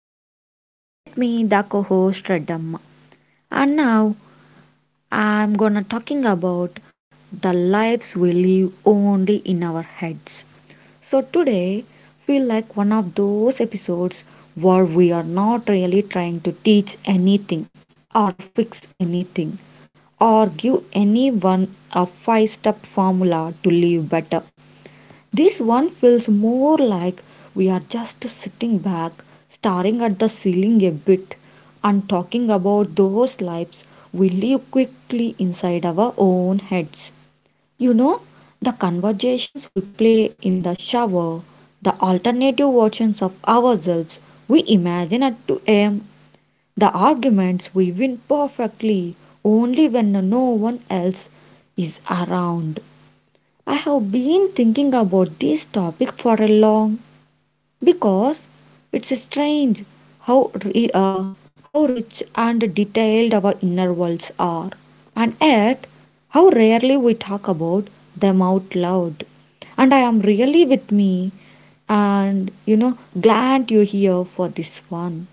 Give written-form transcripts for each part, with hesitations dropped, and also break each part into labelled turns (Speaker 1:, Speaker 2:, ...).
Speaker 1: Sridevi. With me the co-host Radhamma. And now I'm gonna talking about the lives we live only in our heads. So today feel like one of those episodes where we are not really trying to teach anything or fix anything or give anyone a five step formula to live better. This one feels more like we are just sitting back, staring at the ceiling a bit, and talking about those lives we live quickly inside our own heads. You know, the conversations we play in the shower, the alternative versions of ourselves we imagine at 2 a.m., the arguments we win perfectly only when no one else is around. I have been thinking about this topic for a long because it's strange how ri- uh, how rich and detailed our inner worlds are, and yet how rarely we talk about them out loud. And I am really with me, and glad you're here for this one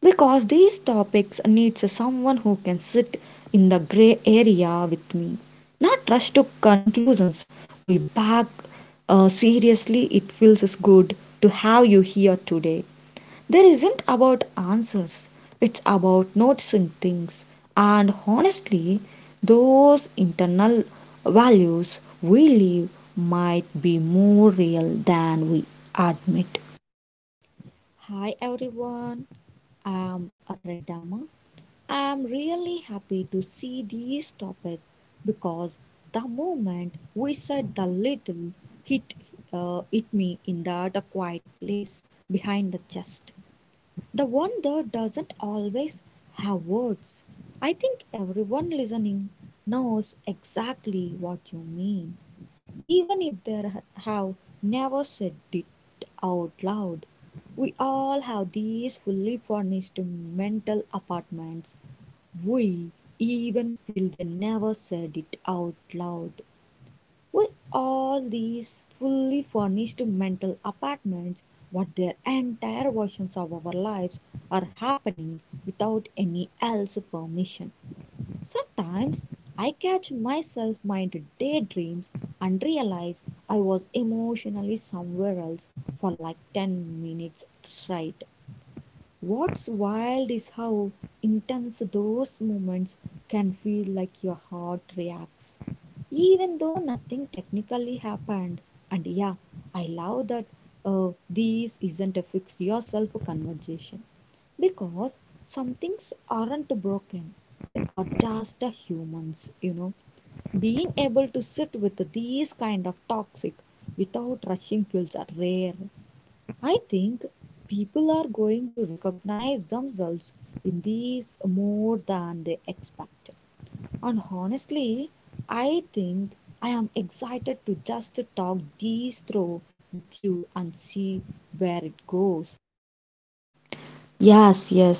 Speaker 1: because these topics needs someone who can sit in the gray area with me, not rush to conclusions, we back. Seriously, it feels good to have you here today. There isn't about answers, it's about noticing things. And honestly, those internal values we live might be more real than we admit.
Speaker 2: Hi everyone, I'm Aradama. I'm really happy to see this topic because the moment we said the little hit hit me in the quiet place behind the chest. The one that doesn't always have words. I think everyone listening knows exactly what you mean. Even if they have never said it out loud, we all have these fully furnished mental apartments. We even feel they never said it out loud. We all these fully furnished mental apartments, what their entire versions of our lives are happening without any else permission. Sometimes I catch myself into daydreams and realize I was emotionally somewhere else for like 10 minutes straight. What's wild is how intense those moments can feel like your heart reacts, even though nothing technically happened. And yeah, I love that this isn't a fix yourself conversation because some things aren't broken, they are just the humans, Being able to sit with these kind of toxic without rushing feels rare. I think people are going to recognize themselves in these more than they expect. And honestly, I think I am excited to just talk these through with you and see where it goes.
Speaker 1: Yes, yes.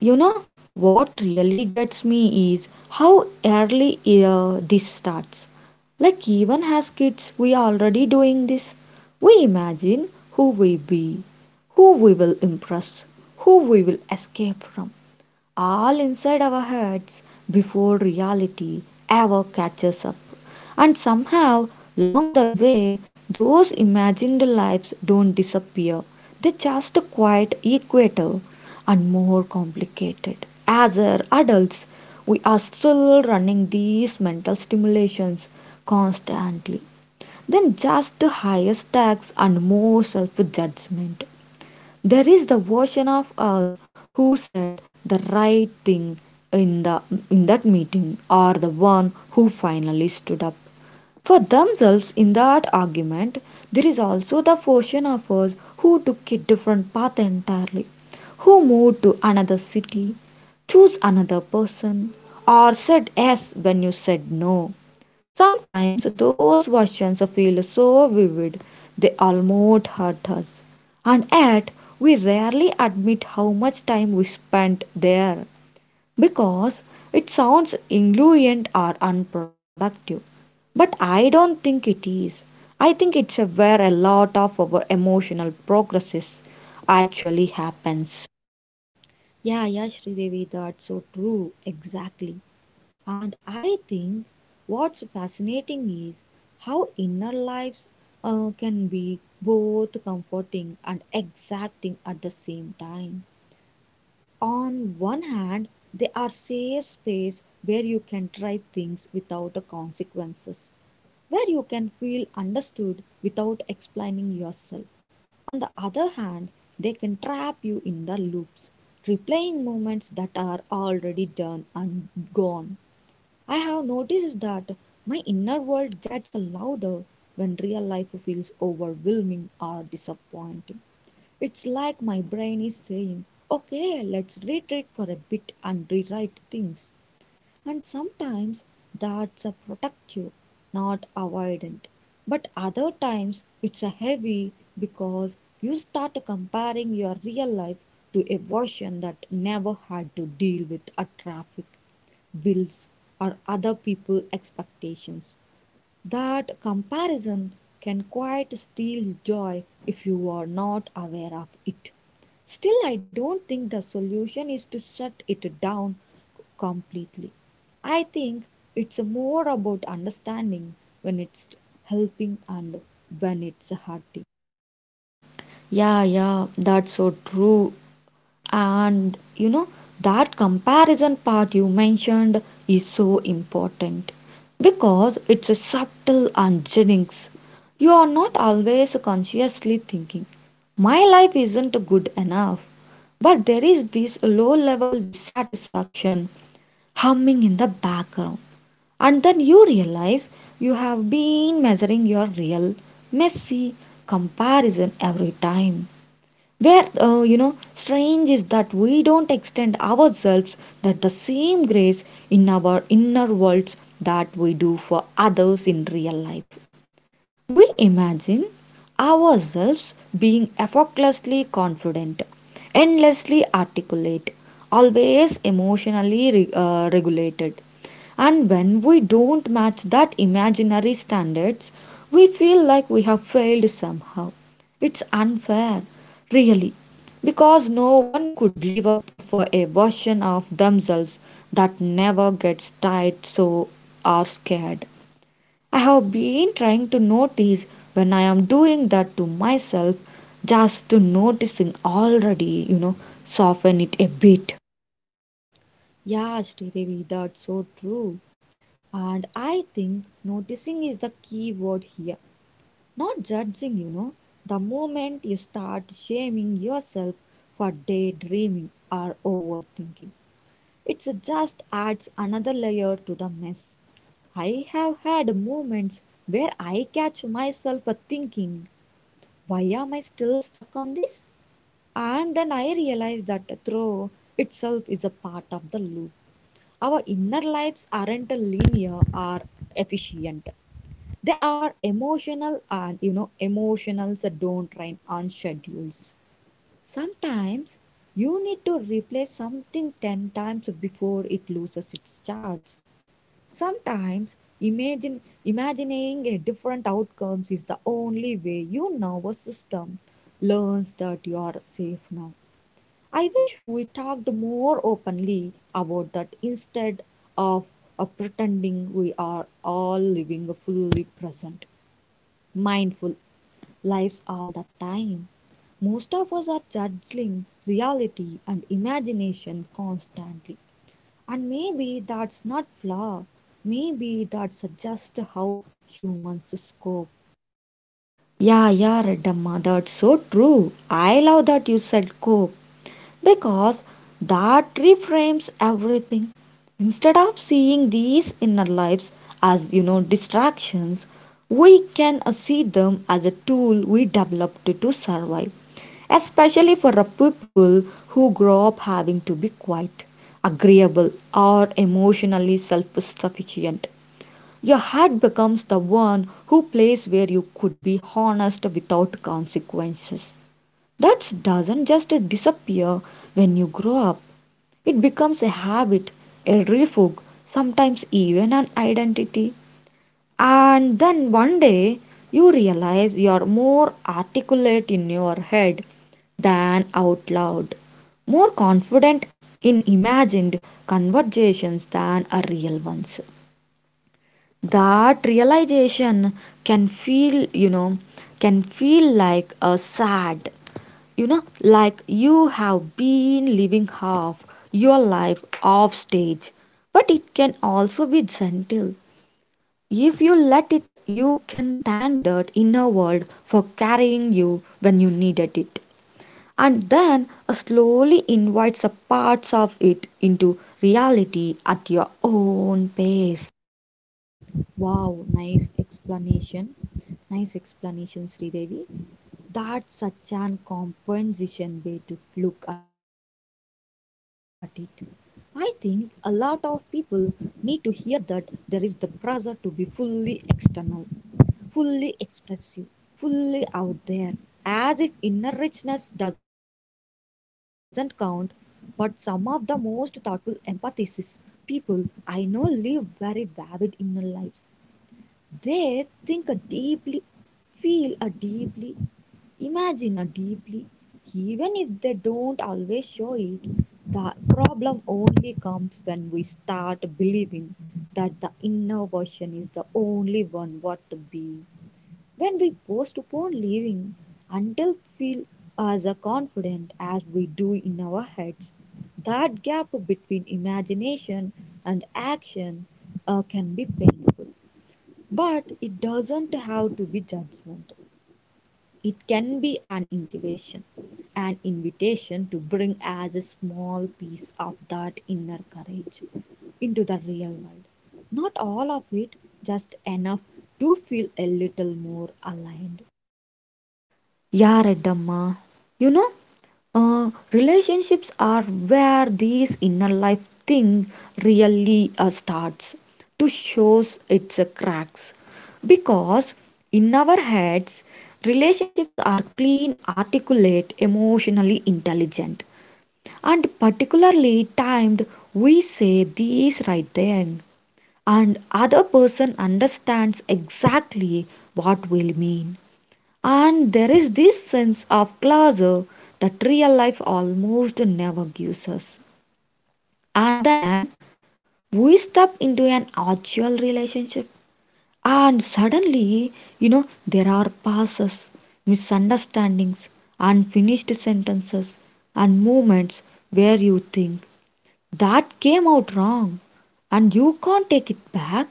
Speaker 1: You know what really gets me is how early this starts. Like even as kids we are already doing this. We imagine who we be, who we will impress, who we will escape from, all inside our heads before reality ever catches up. And somehow, along the way, those imagined lives don't disappear. They just quite equator and more complicated. As our adults, we are still running these mental stimulations constantly. Then just higher stacks and more self judgment. There is the version of us who said the right thing in, the, in that meeting, or the one who finally stood up for themselves in that argument. There is also the portion of us who took a different path entirely, who moved to another city, chose another person, or said yes when you said no. Sometimes those visions feel so vivid they almost hurt us, and yet we rarely admit how much time we spent there because it sounds indulgent or unproductive. But I don't think it is. I think it's a where a lot of our emotional progress actually happens.
Speaker 2: Yeah, yeah, Sridevi, that's so true. Exactly. And I think what's fascinating is how inner lives can be both comforting and exacting at the same time. On one hand, they are safe space where you can try things without the consequences, where you can feel understood without explaining yourself. On the other hand, they can trap you in the loops, replaying moments that are already done and gone. I have noticed that my inner world gets louder when real life feels overwhelming or disappointing. It's like my brain is saying, okay, let's retreat for a bit and rewrite things. And sometimes that's a protective, not avoidant. But other times it's a heavy because you start comparing your real life to a version that never had to deal with a traffic, bills, or other people expectations. That comparison can quite steal joy if you are not aware of it. Still, I don't think the solution is to shut it down completely. I think it's more about understanding when it's helping and when it's hurting.
Speaker 1: Yeah, yeah, that's so true. And you know, that comparison part you mentioned is so important because it's a subtle unjennings. You are not always consciously thinking, my life isn't good enough. But there is this low level dissatisfaction humming in the background. And then you realize you have been measuring your real, messy comparison every time where you know strange is that we don't extend ourselves that the same grace in our inner worlds that we do for others in real life. We imagine ourselves being effortlessly confident, endlessly articulate, always emotionally regulated. And when we don't match that imaginary standards, we feel like we have failed somehow. It's unfair, really, because no one could live up for a version of themselves that never gets tired so or scared. I have been trying to notice when I am doing that to myself, just to noticing already, you know, soften it a bit.
Speaker 2: Yeah, Sridevi, that's so true. And I think noticing is the key word here. Not judging. The moment you start shaming yourself for daydreaming or overthinking, it just adds another layer to the mess. I have had moments where I catch myself thinking, why am I still stuck on this? And then I realize that throw itself is a part of the loop. Our inner lives aren't linear or efficient. They are emotional, and emotionals that don't rhyme on schedules. Sometimes you need to replay something 10 times before it loses its charge. Sometimes imagine imagining a different outcomes is the only way your nervous system learns that you are safe now. I wish we talked more openly about that instead of pretending we are all living fully present, mindful lives all the time. Most of us are judging reality and imagination constantly. And maybe that's not flaw. Maybe that's just how humans scope.
Speaker 1: Yeah, yeah, Reddamma, that's so true. I love that you said cope because that reframes everything. Instead of seeing these inner lives as, you know, distractions, we can see them as a tool we developed to survive, especially for a people who grow up having to be quiet, agreeable, or emotionally self sufficient. Your heart becomes the one who plays where you could be honest without consequences. That doesn't just disappear when you grow up. It becomes a habit, a refuge, sometimes even an identity. And then one day you realize you're more articulate in your head than out loud, more confident in imagined conversations than are real ones. That realization can feel, you know, can feel like a sad, you know, like you have been living half your life off stage. But it can also be gentle. If you let it, you can thank that inner world for carrying you when you needed it, and then slowly invites the parts of it into reality at your own pace.
Speaker 2: Wow, nice explanation. Nice explanation, Sridevi. That's such an compensation way to look at it. I think a lot of people need to hear that. There is the pressure to be fully external, fully expressive, fully out there, as if inner richness doesn't count. But some of the most thoughtful empathesis people I know live very vivid inner lives. They think deeply, feel deeply, imagine deeply, even if they don't always show it. The problem only comes when we start believing that the inner version is the only one worth being. When we postpone living until we feel as confident as we do in our heads, that gap between imagination and action can be painful. But it doesn't have to be judgment. It can be an invitation to bring as a small piece of that inner courage into the real world. Not all of it, just enough to feel a little more aligned.
Speaker 1: Yeah, Reddamma. You know, relationships are where these inner life thing really starts to shows its cracks. Because in our heads, relationships are clean, articulate, emotionally intelligent, and particularly timed. We say these right then, and other person understands exactly what we mean, and there is this sense of class, that real life almost never gives us. And then we step into an actual relationship, and suddenly, you know, there are passes, misunderstandings, unfinished sentences, and moments where you think that came out wrong and you can't take it back.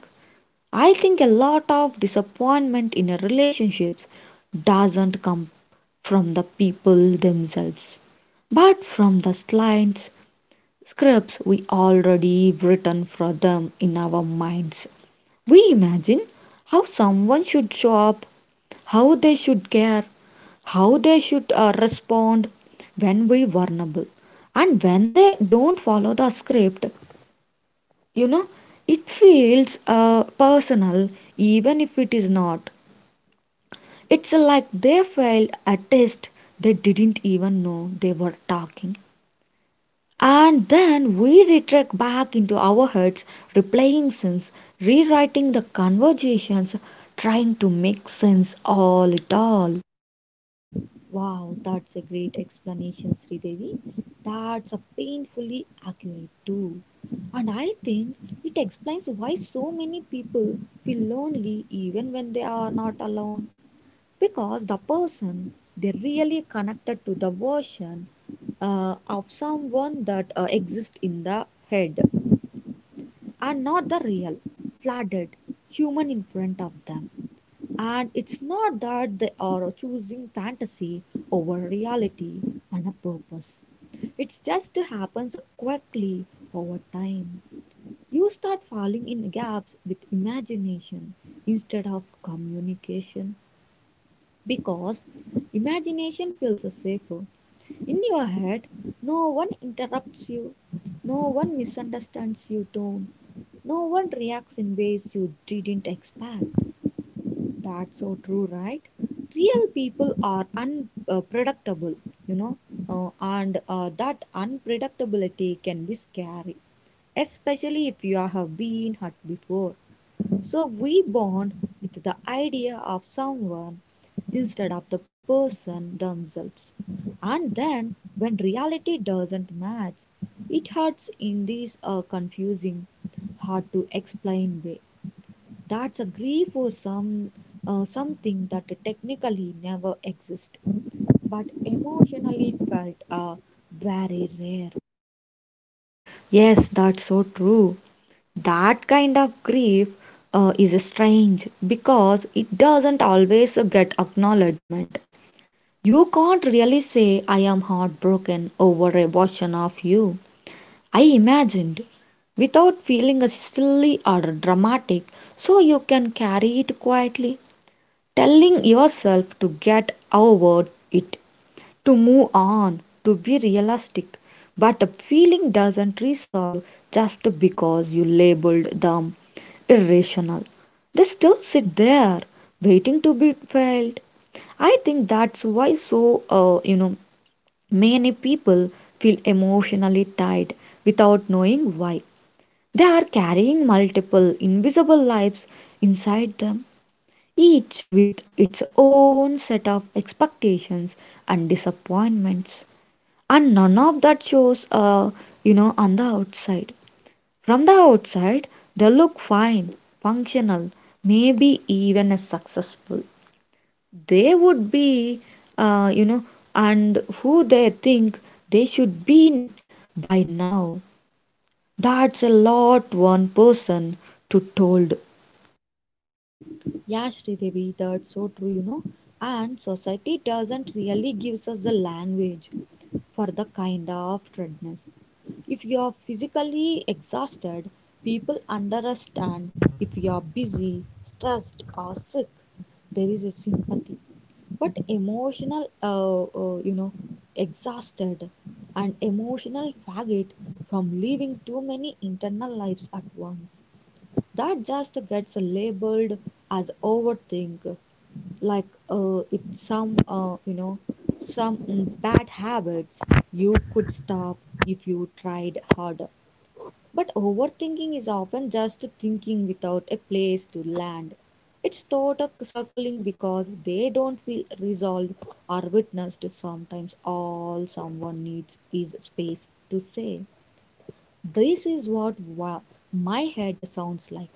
Speaker 1: I think a lot of disappointment in a relationships doesn't come from the people themselves, but from the slight scripts we already written for them in our minds. We imagine how someone should show up, how they should care, how they should respond when we vulnerable. And when they don't follow the script, you know, it feels personal, even if it is not. It's like they failed a test they didn't even know they were talking. And then we retract back into our heads, replaying scenes, rewriting the conversations, trying to make sense all it all.
Speaker 2: Wow, that's a great explanation, Sridevi. That's a painfully accurate too. And I think it explains why so many people feel lonely even when they are not alone. Because the person they really connected to the version of someone that exists in the head and not the real, flooded human in front of them. And it's not that they are choosing fantasy over reality on a purpose. It just happens quickly over time. You start falling in gaps with imagination instead of communication because imagination feels safer. In your head, no one interrupts you, no one misunderstands you, don't, no one reacts in ways you didn't expect. That's so true, right? Real people are unpredictable, you know, and that unpredictability can be scary, especially if you have been hurt before. So we bond with the idea of someone instead of the person themselves. And then, when reality doesn't match, it hurts in this confusing, hard to explain way. That's a grief for some something that technically never exists, but emotionally felt are very rare.
Speaker 1: Yes, that's so true. That kind of grief is strange because it doesn't always get acknowledgement. You can't really say I am heartbroken over a version of you I imagined without feeling silly or dramatic, so you can carry it quietly, telling yourself to get over it, to move on, to be realistic. But a feeling doesn't resolve just because you labeled them irrational. They still sit there, waiting to be felt. I think that's why so, you know, many people feel emotionally tied without knowing why. They are carrying multiple invisible lives inside them, each with its own set of expectations and disappointments. And none of that shows, you know, on the outside. From the outside, they look fine, functional, maybe even as successful they would be, you know, and who they think they should by now. That's a lot one person to told.
Speaker 2: Yeah, Sridevi, that's so true. And society doesn't really gives us the language for the kind of dreadness. If you are physically exhausted, people understand. If you are busy, stressed or sick, there is a sympathy. But emotional exhausted and emotional faggot from living too many internal lives at once, that just gets labeled as overthink, like it's some some bad habits you could stop if you tried harder. But overthinking is often just thinking without a place to land. It's thought are circling because they don't feel resolved or witnessed. Sometimes all someone needs is space to say, this is what my head sounds like.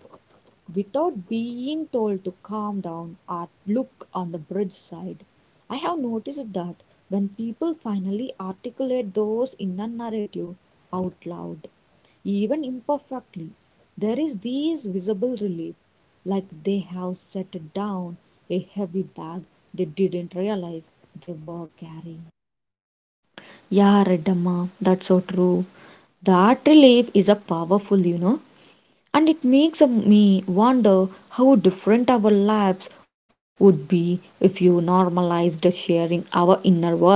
Speaker 2: Without being told to calm down or look on the bridge side, I have noticed that when people finally articulate those inner narrative out loud, even imperfectly, there is this visible relief, like they have set down a heavy bag they didn't realize they were carrying.
Speaker 1: Yeah, Redamma, that's so true. That relief is a powerful, you know, and it makes me wonder how different our lives would be if you normalized sharing our inner worlds.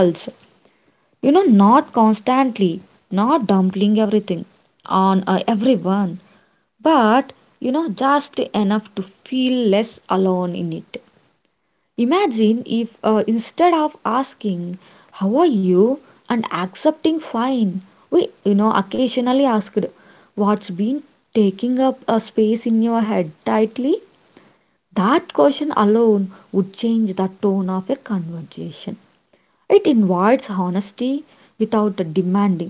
Speaker 1: You know, not constantly, not dumping everything on everyone, but you know just enough to feel less alone in it. Imagine if instead of asking how are you and accepting fine, we, you know, occasionally asked what's been taking up a space in your head tightly. That question alone would change the tone of a conversation. It invites honesty without demanding,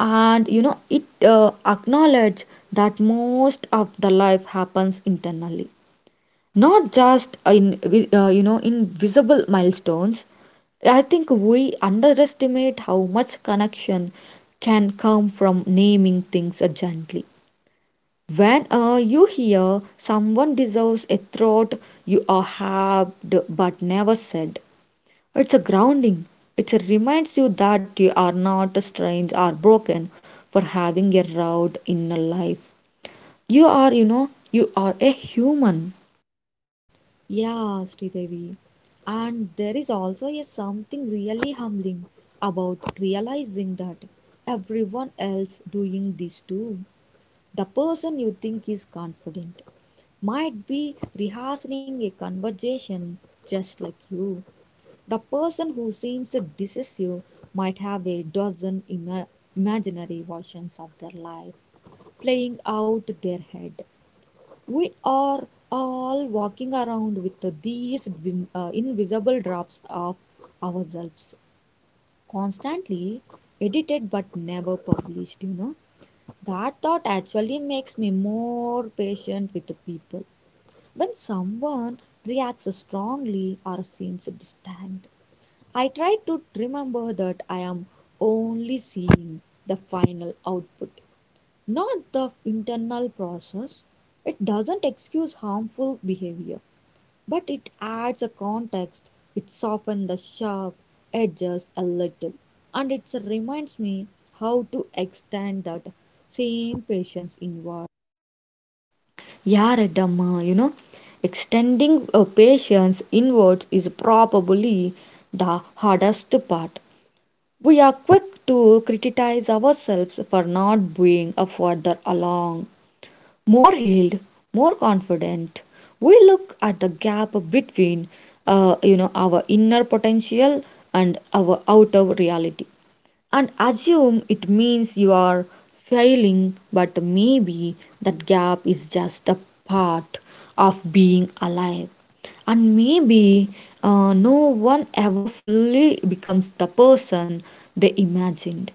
Speaker 1: and you know it acknowledge that most of the life happens internally, not just in you know in visible milestones. I think we underestimate how much connection can come from naming things gently. When you hear someone deserves a throat you are halved but never said, it's a grounding. It reminds you that you are not strange or broken for having a rough inner life. You are, you know, you are a human.
Speaker 2: Yeah, Sridevi. And there is also a something really humbling about realizing that everyone else doing this too. The person you think is confident might be rehearsing a conversation just like you. The person who seems decisive might have a dozen imaginary versions of their life playing out their head. We are all walking around with these invisible drafts of ourselves, constantly edited but never published. You know, that thought actually makes me more patient with the people. When someone reacts strongly or seems distant, I try to remember that I am only seeing the final output, not the internal process. It doesn't excuse harmful behavior, but it adds a context. It softens the sharp edges a little, and it reminds me how to extend that same patience inward.
Speaker 1: You're a dumb, you know. Extending a patience inwards is probably the hardest part. We are quick to criticize ourselves for not being a further along, more healed, more confident. We look at the gap between, you know, our inner potential and our outer reality and assume it means you are failing. But maybe that gap is just a part of being alive. And maybe no one ever fully becomes the person they imagined,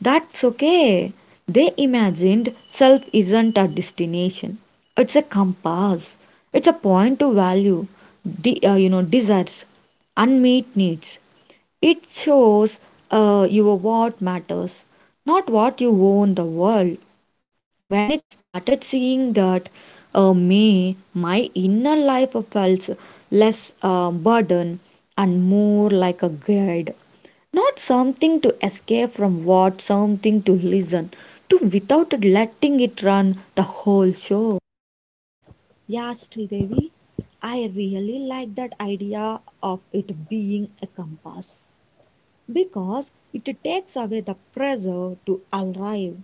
Speaker 1: that's okay. They imagined self isn't a destination. It's a compass. It's a point to value, you know, desires, unmet needs. It shows you what matters, not what you owe in the world. When it started seeing that, me my inner life felt less burden and more like a guide, not something to escape from what something to listen to without letting it run the whole show.
Speaker 2: Yeah, Devi, I really like that idea of it being a compass because it takes away the pressure to arrive.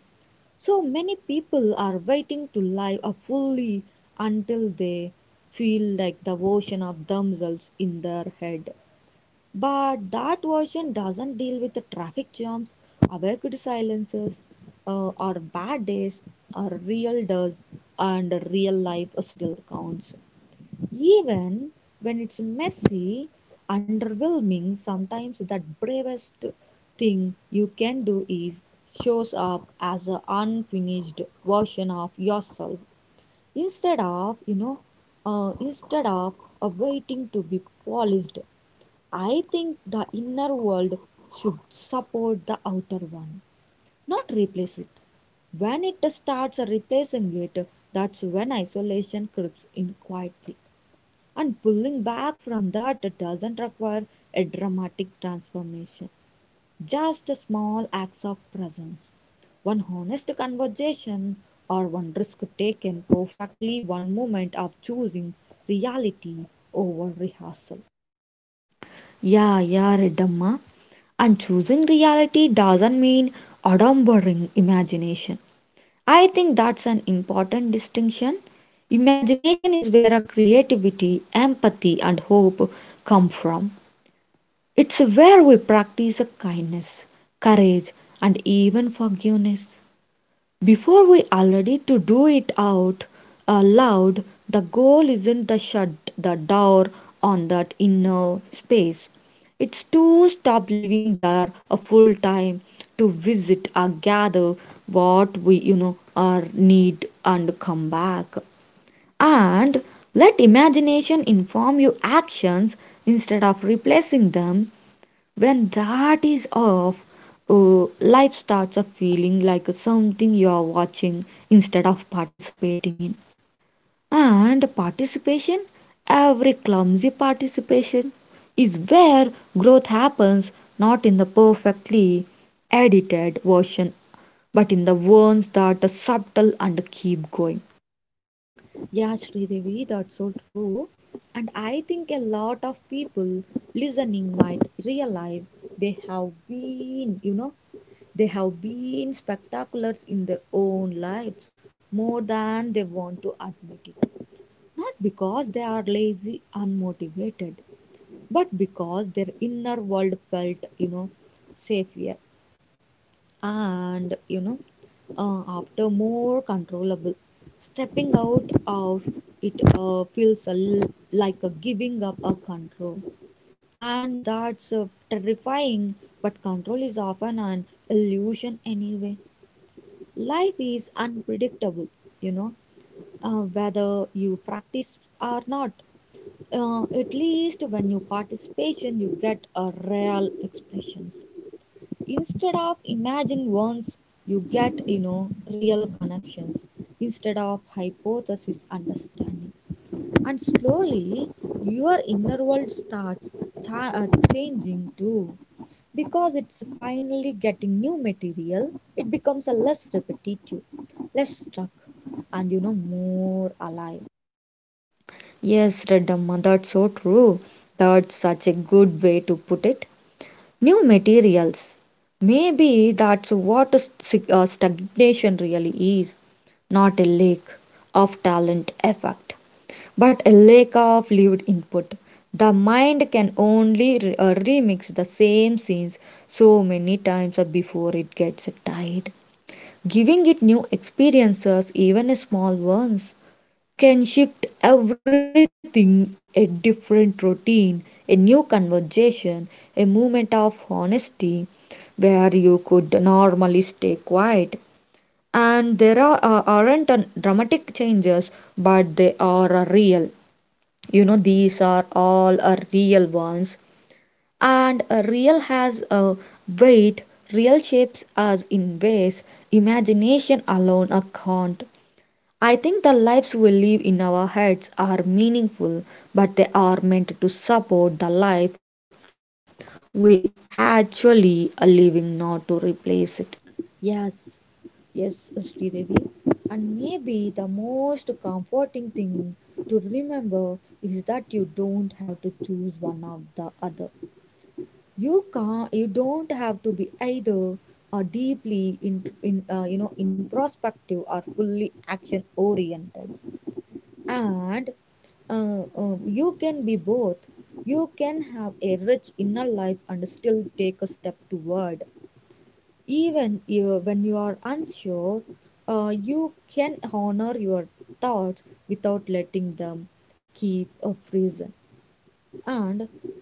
Speaker 2: So many people are waiting to live a fully until they feel like the version of themselves in their head. But that version doesn't deal with the traffic jams, awkward silences, or bad days, or real does, and real life still counts. Even when it's messy, underwhelming, sometimes the bravest thing you can do is shows up as an unfinished version of yourself instead of instead of waiting to be polished. I think the inner world should support the outer one, not replace it. When it starts replacing it, that's when isolation creeps in quietly. And pulling back from that doesn't require a dramatic transformation, just a small acts of presence. One honest conversation, or one risk taken, perfectly one moment of choosing reality over rehearsal.
Speaker 1: Yeah, yeah, Redamma. And choosing reality doesn't mean adumbering imagination. I think that's an important distinction. Imagination is where our creativity, empathy, and hope come from. It's where we practice kindness, courage, and even forgiveness. Before we are ready to do it out, loud, the goal isn't to shut the door on that inner space. It's to stop living there a full time, to visit or gather what we, you know, are need and come back. And let imagination inform your actions instead of replacing them. When that is off, life starts a feeling like something you are watching instead of participating in. And participation, every clumsy participation, is where growth happens, not in the perfectly edited version, but in the ones that are subtle and keep going.
Speaker 2: Yeah, Sridevi, that's so true. And I think a lot of people listening might realize they have been, they have been spectaculars in their own lives more than they want to admit it. Not because they are lazy, unmotivated, but because their inner world felt, safer and after more controllable. Stepping out of it feels a like a giving up a control, and that's terrifying. But control is often an illusion anyway. Life is unpredictable, you know whether you practice or not. At least when you participation, you get a real expressions instead of imagine ones. You get, real connections instead of hypothesis understanding. And slowly your inner world starts cha- uh, changing too, because it's finally getting new material. It becomes a less repetitive, less stuck, and more alive.
Speaker 1: Yes, Redamma, that's so true. That's such a good way to put it. New materials. Maybe that's what stagnation really is, not a lack of talent effect, but a lack of lived input. The mind can only remix the same scenes so many times before it gets tired. Giving it new experiences, even small ones, can shift everything: a different routine, a new conversation, a moment of honesty where you could normally stay quiet. And there aren't dramatic changes, but they are real. You know, these are all real ones. And real has a weight, real shapes us in ways imagination alone can't. I think the lives we live in our heads are meaningful, but they are meant to support the life we actually are living, not to replace it.
Speaker 2: Yes, yes, Sridevi. And maybe the most comforting thing to remember is that you don't have to choose one or the other. You can't. You don't have to be either or deeply in introspective or fully action oriented. And you can be both. You can have a rich inner life and still take a step toward even you, when you are unsure, you can honor your thoughts without letting them keep a freezing. And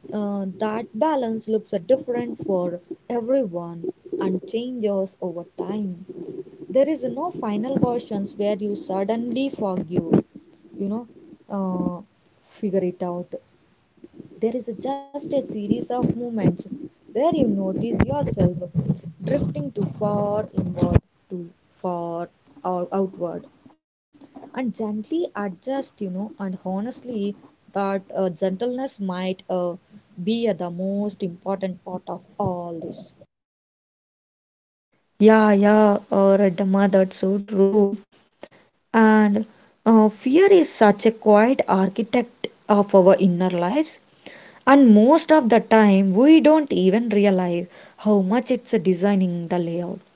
Speaker 2: that balance looks different for everyone and changes over time. There is no final questions where you suddenly forgive, you know, uh, figure it out. There is just a series of movements where you notice yourself drifting too far inward, too far or outward, and gently adjust, you know. And honestly, that gentleness might be the most important part of all this.
Speaker 1: Yeah, Redma, that's so true. And fear is such a quiet architect of our inner lives. And most of the time, we don't even realize how much it's designing the layout.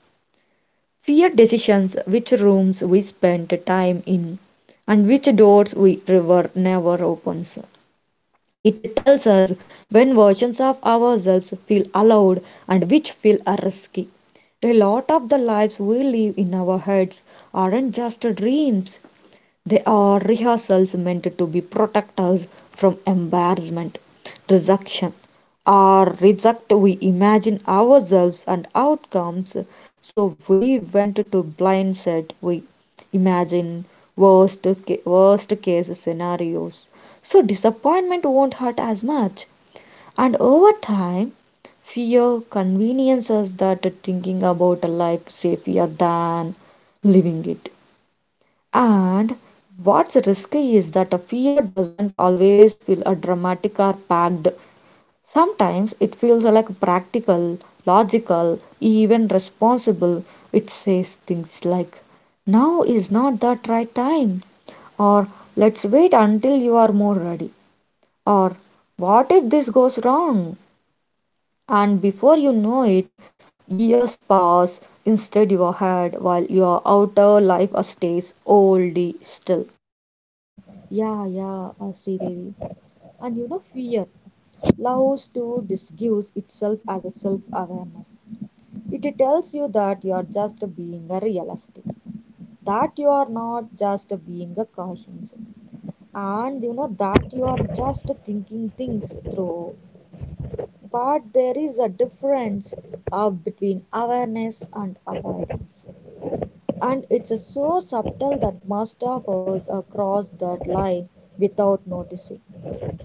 Speaker 1: Fear decisions which rooms we spend time in and which doors we ever never opens. It tells us when versions of ourselves feel allowed and which feel risky. A lot of the lives we live in our heads aren't just dreams, they are rehearsals meant to be protectors from embarrassment, rejection, or reject. We imagine ourselves and outcomes, so we went to blindset. We imagine worst case scenarios, so disappointment won't hurt as much. And over time, fear conveniences that thinking about life safer than living it. And what's risky is that a fear doesn't always feel a dramatic or packed. Sometimes it feels like practical, logical, even responsible. It says things like, now is not that right time, or let's wait until you are more ready, or what if this goes wrong? And before you know it, years pass instead your head while your outer life stays old still.
Speaker 2: Yeah, yeah, Sridevi. And you know, fear allows to disguise itself as a self awareness. It tells you that you are just being a realistic. That you are not just being a cautious and you know that you are just thinking things through, but there is a difference between awareness and avoidance, and it's so subtle that most of us cross that line without noticing.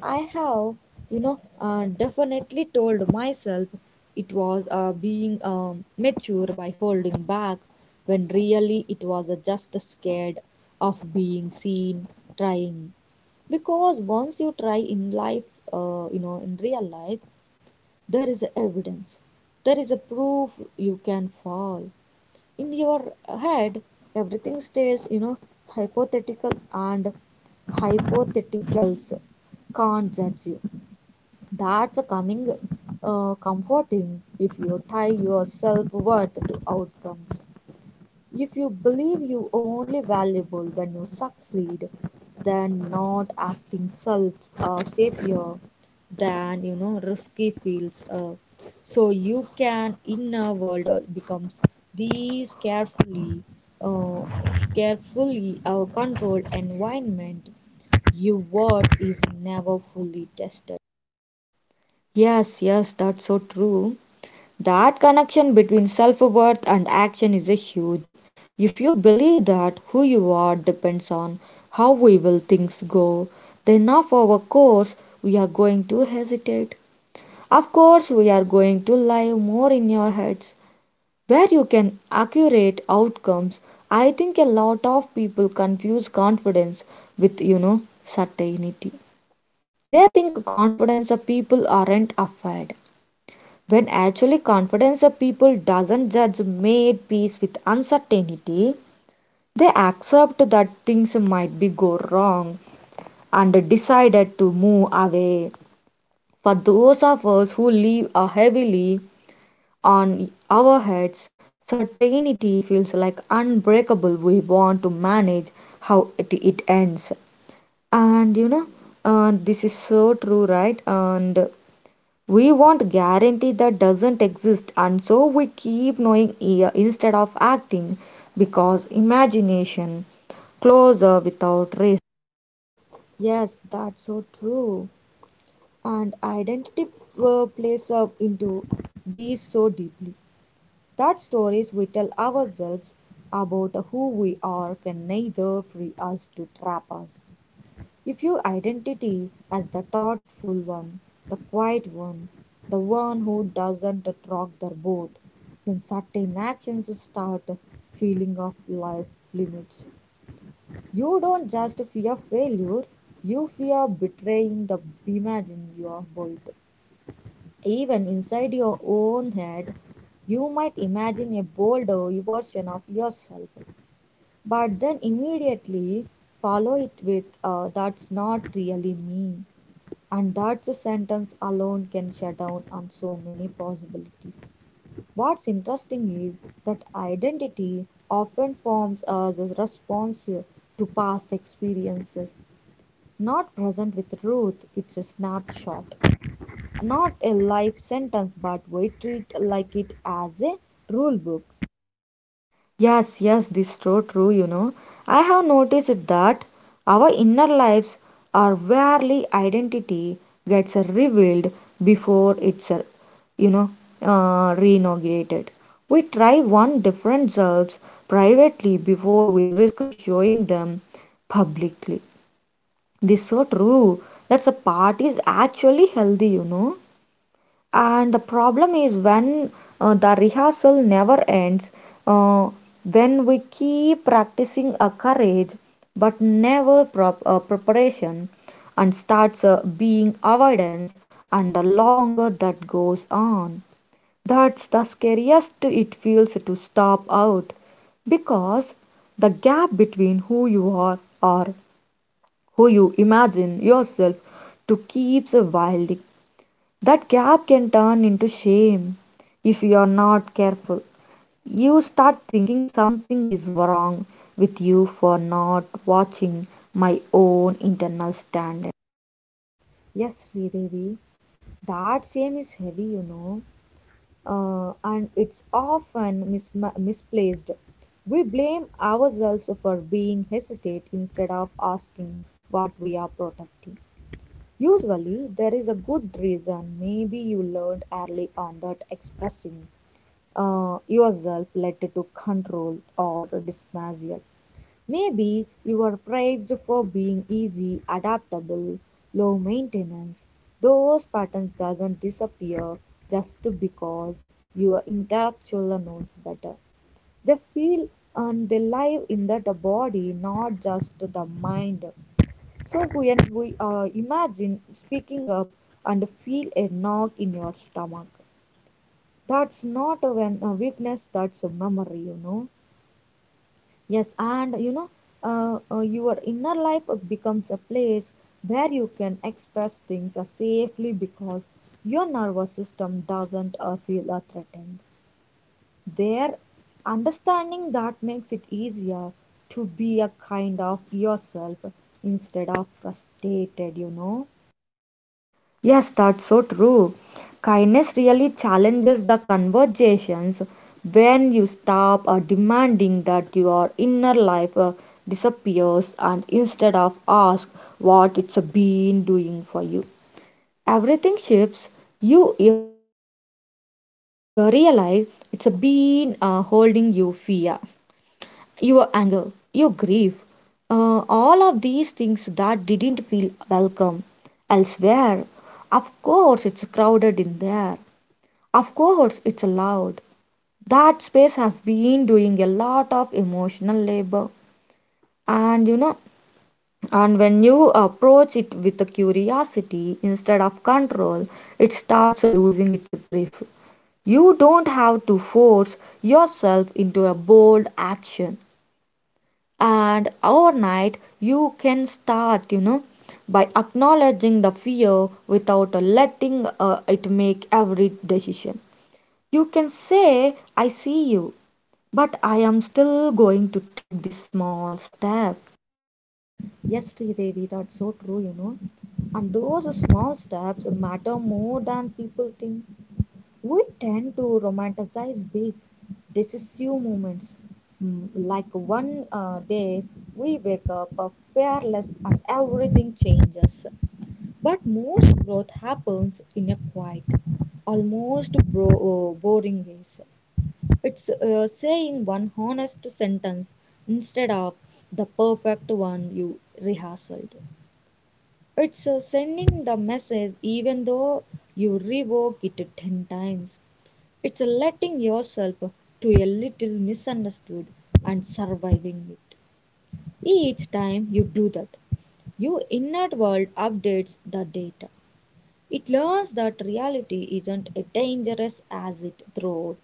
Speaker 2: I have, you know, definitely told myself it was being mature by holding back when really it was just scared of being seen trying. Because once you try in life, you know, in real life, there is evidence, there is a proof you can fall. In your head, everything stays, you know, hypothetical, and hypotheticals can't judge you. That's a coming, comforting if you tie your self worth to outcomes. If you believe you only valuable when you succeed, then not acting self savior, than you know risky feels. So you can inner world becomes these uh, carefully controlled environment. Your word is never fully tested.
Speaker 1: Yes, yes, that's so true. That connection between self worth and action is a huge. If you believe that who you are depends on how we will things go, then of our course we are going to hesitate. Of course we are going to lie more in your heads. Where you can accurate outcomes, I think a lot of people confuse confidence with, you know, certainty. They think confidence of people aren't afraid, when actually confidence of people doesn't judge made peace with uncertainty, they accept that things might be go wrong and decided to move away. For those of us who live heavily on our heads, certainty feels like unbreakable. We want to manage how it ends. And you know, this is so true, right? And we want guarantee that doesn't exist, and so we keep knowing instead of acting because imagination closer without risk.
Speaker 2: Yes, that's so true. And identity plays up into these so deeply. That stories we tell ourselves about who we are can neither free us to trap us. If your identity as the thoughtful one, the quiet one, the one who doesn't rock their boat, then certain actions start feeling of life limits. You don't just fear failure, you fear betraying the imagine you have built. Even inside your own head, you might imagine a bolder version of yourself, but then immediately follow it with, that's not really me. And that sentence alone can shut down on so many possibilities. What's interesting is that identity often forms as a response to past experiences. Not present with truth. It's a snapshot. Not a life sentence, but we treat like it as a rule book.
Speaker 1: Yes, yes, this is so true, you know. I have noticed that our inner lives are where identity gets revealed before it's, you know, reinaugurated. We try one different selves privately before we risk showing them publicly. This is so true. That's a part is actually healthy, you know. And the problem is when the rehearsal never ends, uh, when we keep practicing a courage but never prop preparation and starts being avoidance, and the longer that goes on, that's the scariest it feels to stop out because the gap between who you are or who you imagine yourself to keep surviving. That gap can turn into shame if you are not careful. You start thinking something is wrong with you for not watching my own internal standards.
Speaker 2: Yes, Sridevi, that shame is heavy, you know, and it's often misplaced. We blame ourselves for being hesitant instead of asking what we are protecting. Usually, there is a good reason. Maybe you learned early on that expressing yourself led to control or dismissal. Maybe you are praised for being easy, adaptable, low maintenance. Those patterns doesn't disappear just because your intellectual knows better. They feel and they live in that body, not just the mind. So when we imagine speaking up and feel a knock in your stomach, that's not a, a weakness, that's a memory, you know. Yes, and you know, your inner life becomes a place where you can express things safely because your nervous system doesn't feel threatened. There, understanding that makes it easier to be a kind of yourself instead of frustrated, you know.
Speaker 1: Yes, that's so true. Kindness really challenges the conversations. When you stop demanding that your inner life disappears and instead of ask what it's been doing for you, everything shifts. You realize it's been holding you fear, your anger, your grief, all of these things that didn't feel welcome elsewhere. Of course, it's crowded in there. Of course, it's loud. That space has been doing a lot of emotional labor. And you know, and when you approach it with a curiosity instead of control, it starts losing its grip. You don't have to force yourself into a bold action and overnight. You can start, you know, by acknowledging the fear without letting it make every decision. You can say, I see you, but I am still going to take this small step.
Speaker 2: Yes, Devi, that's so true, you know. And those small steps matter more than people think. We tend to romanticize big, decisive moments. Mm, like one day we wake up fearless and everything changes. But most growth happens in a quiet, almost boring ways. It's saying one honest sentence instead of the perfect one you rehearsed. It's sending the message even though you revoke it 10 times. It's letting yourself to a little misunderstood and surviving it. Each time you do that, your inner world updates the data. It learns that reality isn't as dangerous as it thought.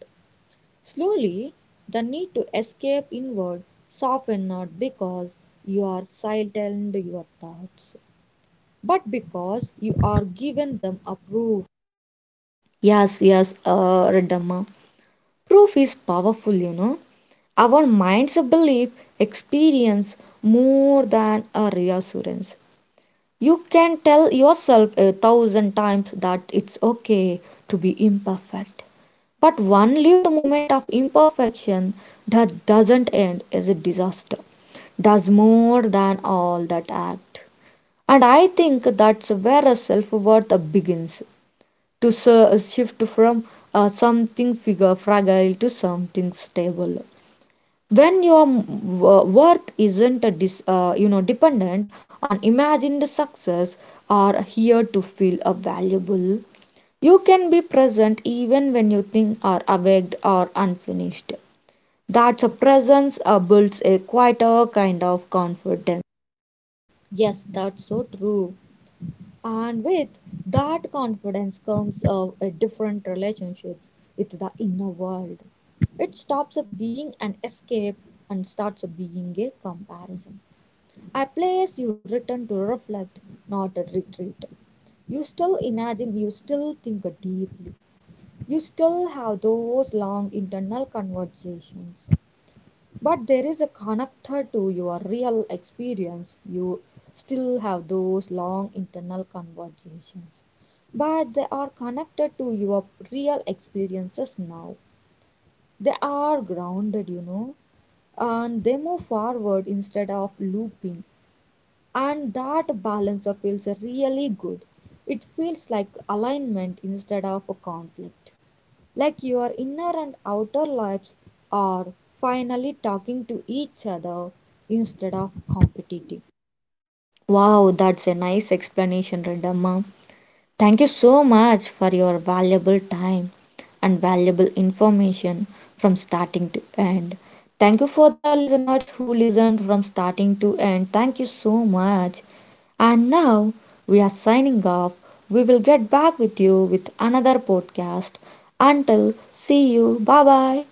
Speaker 2: Slowly, the need to escape inward softens not because you are silent your thoughts, but because you are given them approval.
Speaker 1: Yes, yes, Redamma. Proof is powerful, you know. Our minds believe experience more than a reassurance. You can tell yourself a 1,000 times that it's okay to be imperfect. But one lived moment of imperfection that doesn't end is a disaster, does more than all that act. And I think that's where self worth begins to shift from something figure fragile to something stable when your worth isn't a you know dependent on imagined success or here to feel a valuable. You can be present even when you think are awake or unfinished. That's a presence builds a quieter kind of confidence.
Speaker 2: Yes, that's so true. And with that confidence comes a different relationships with the inner world. It stops up being an escape and starts up being a comparison. A place you return to reflect, not a retreat. You still imagine, you still think deeply. You still have those long internal conversations. But there is a connector to your real experience. You still have those long internal conversations, but they are connected to your real experiences now. They are grounded, you know, and they move forward instead of looping. And that balance feels really good. It feels like alignment instead of a conflict, like your inner and outer lives are finally talking to each other instead of competing.
Speaker 1: Wow, that's a nice explanation, Radama. Thank you so much for your valuable time and valuable information from starting to end. Thank you for the listeners who listened from starting to end. Thank you so much. And now we are signing off. We will get back with you with another podcast. Until, see you. Bye bye.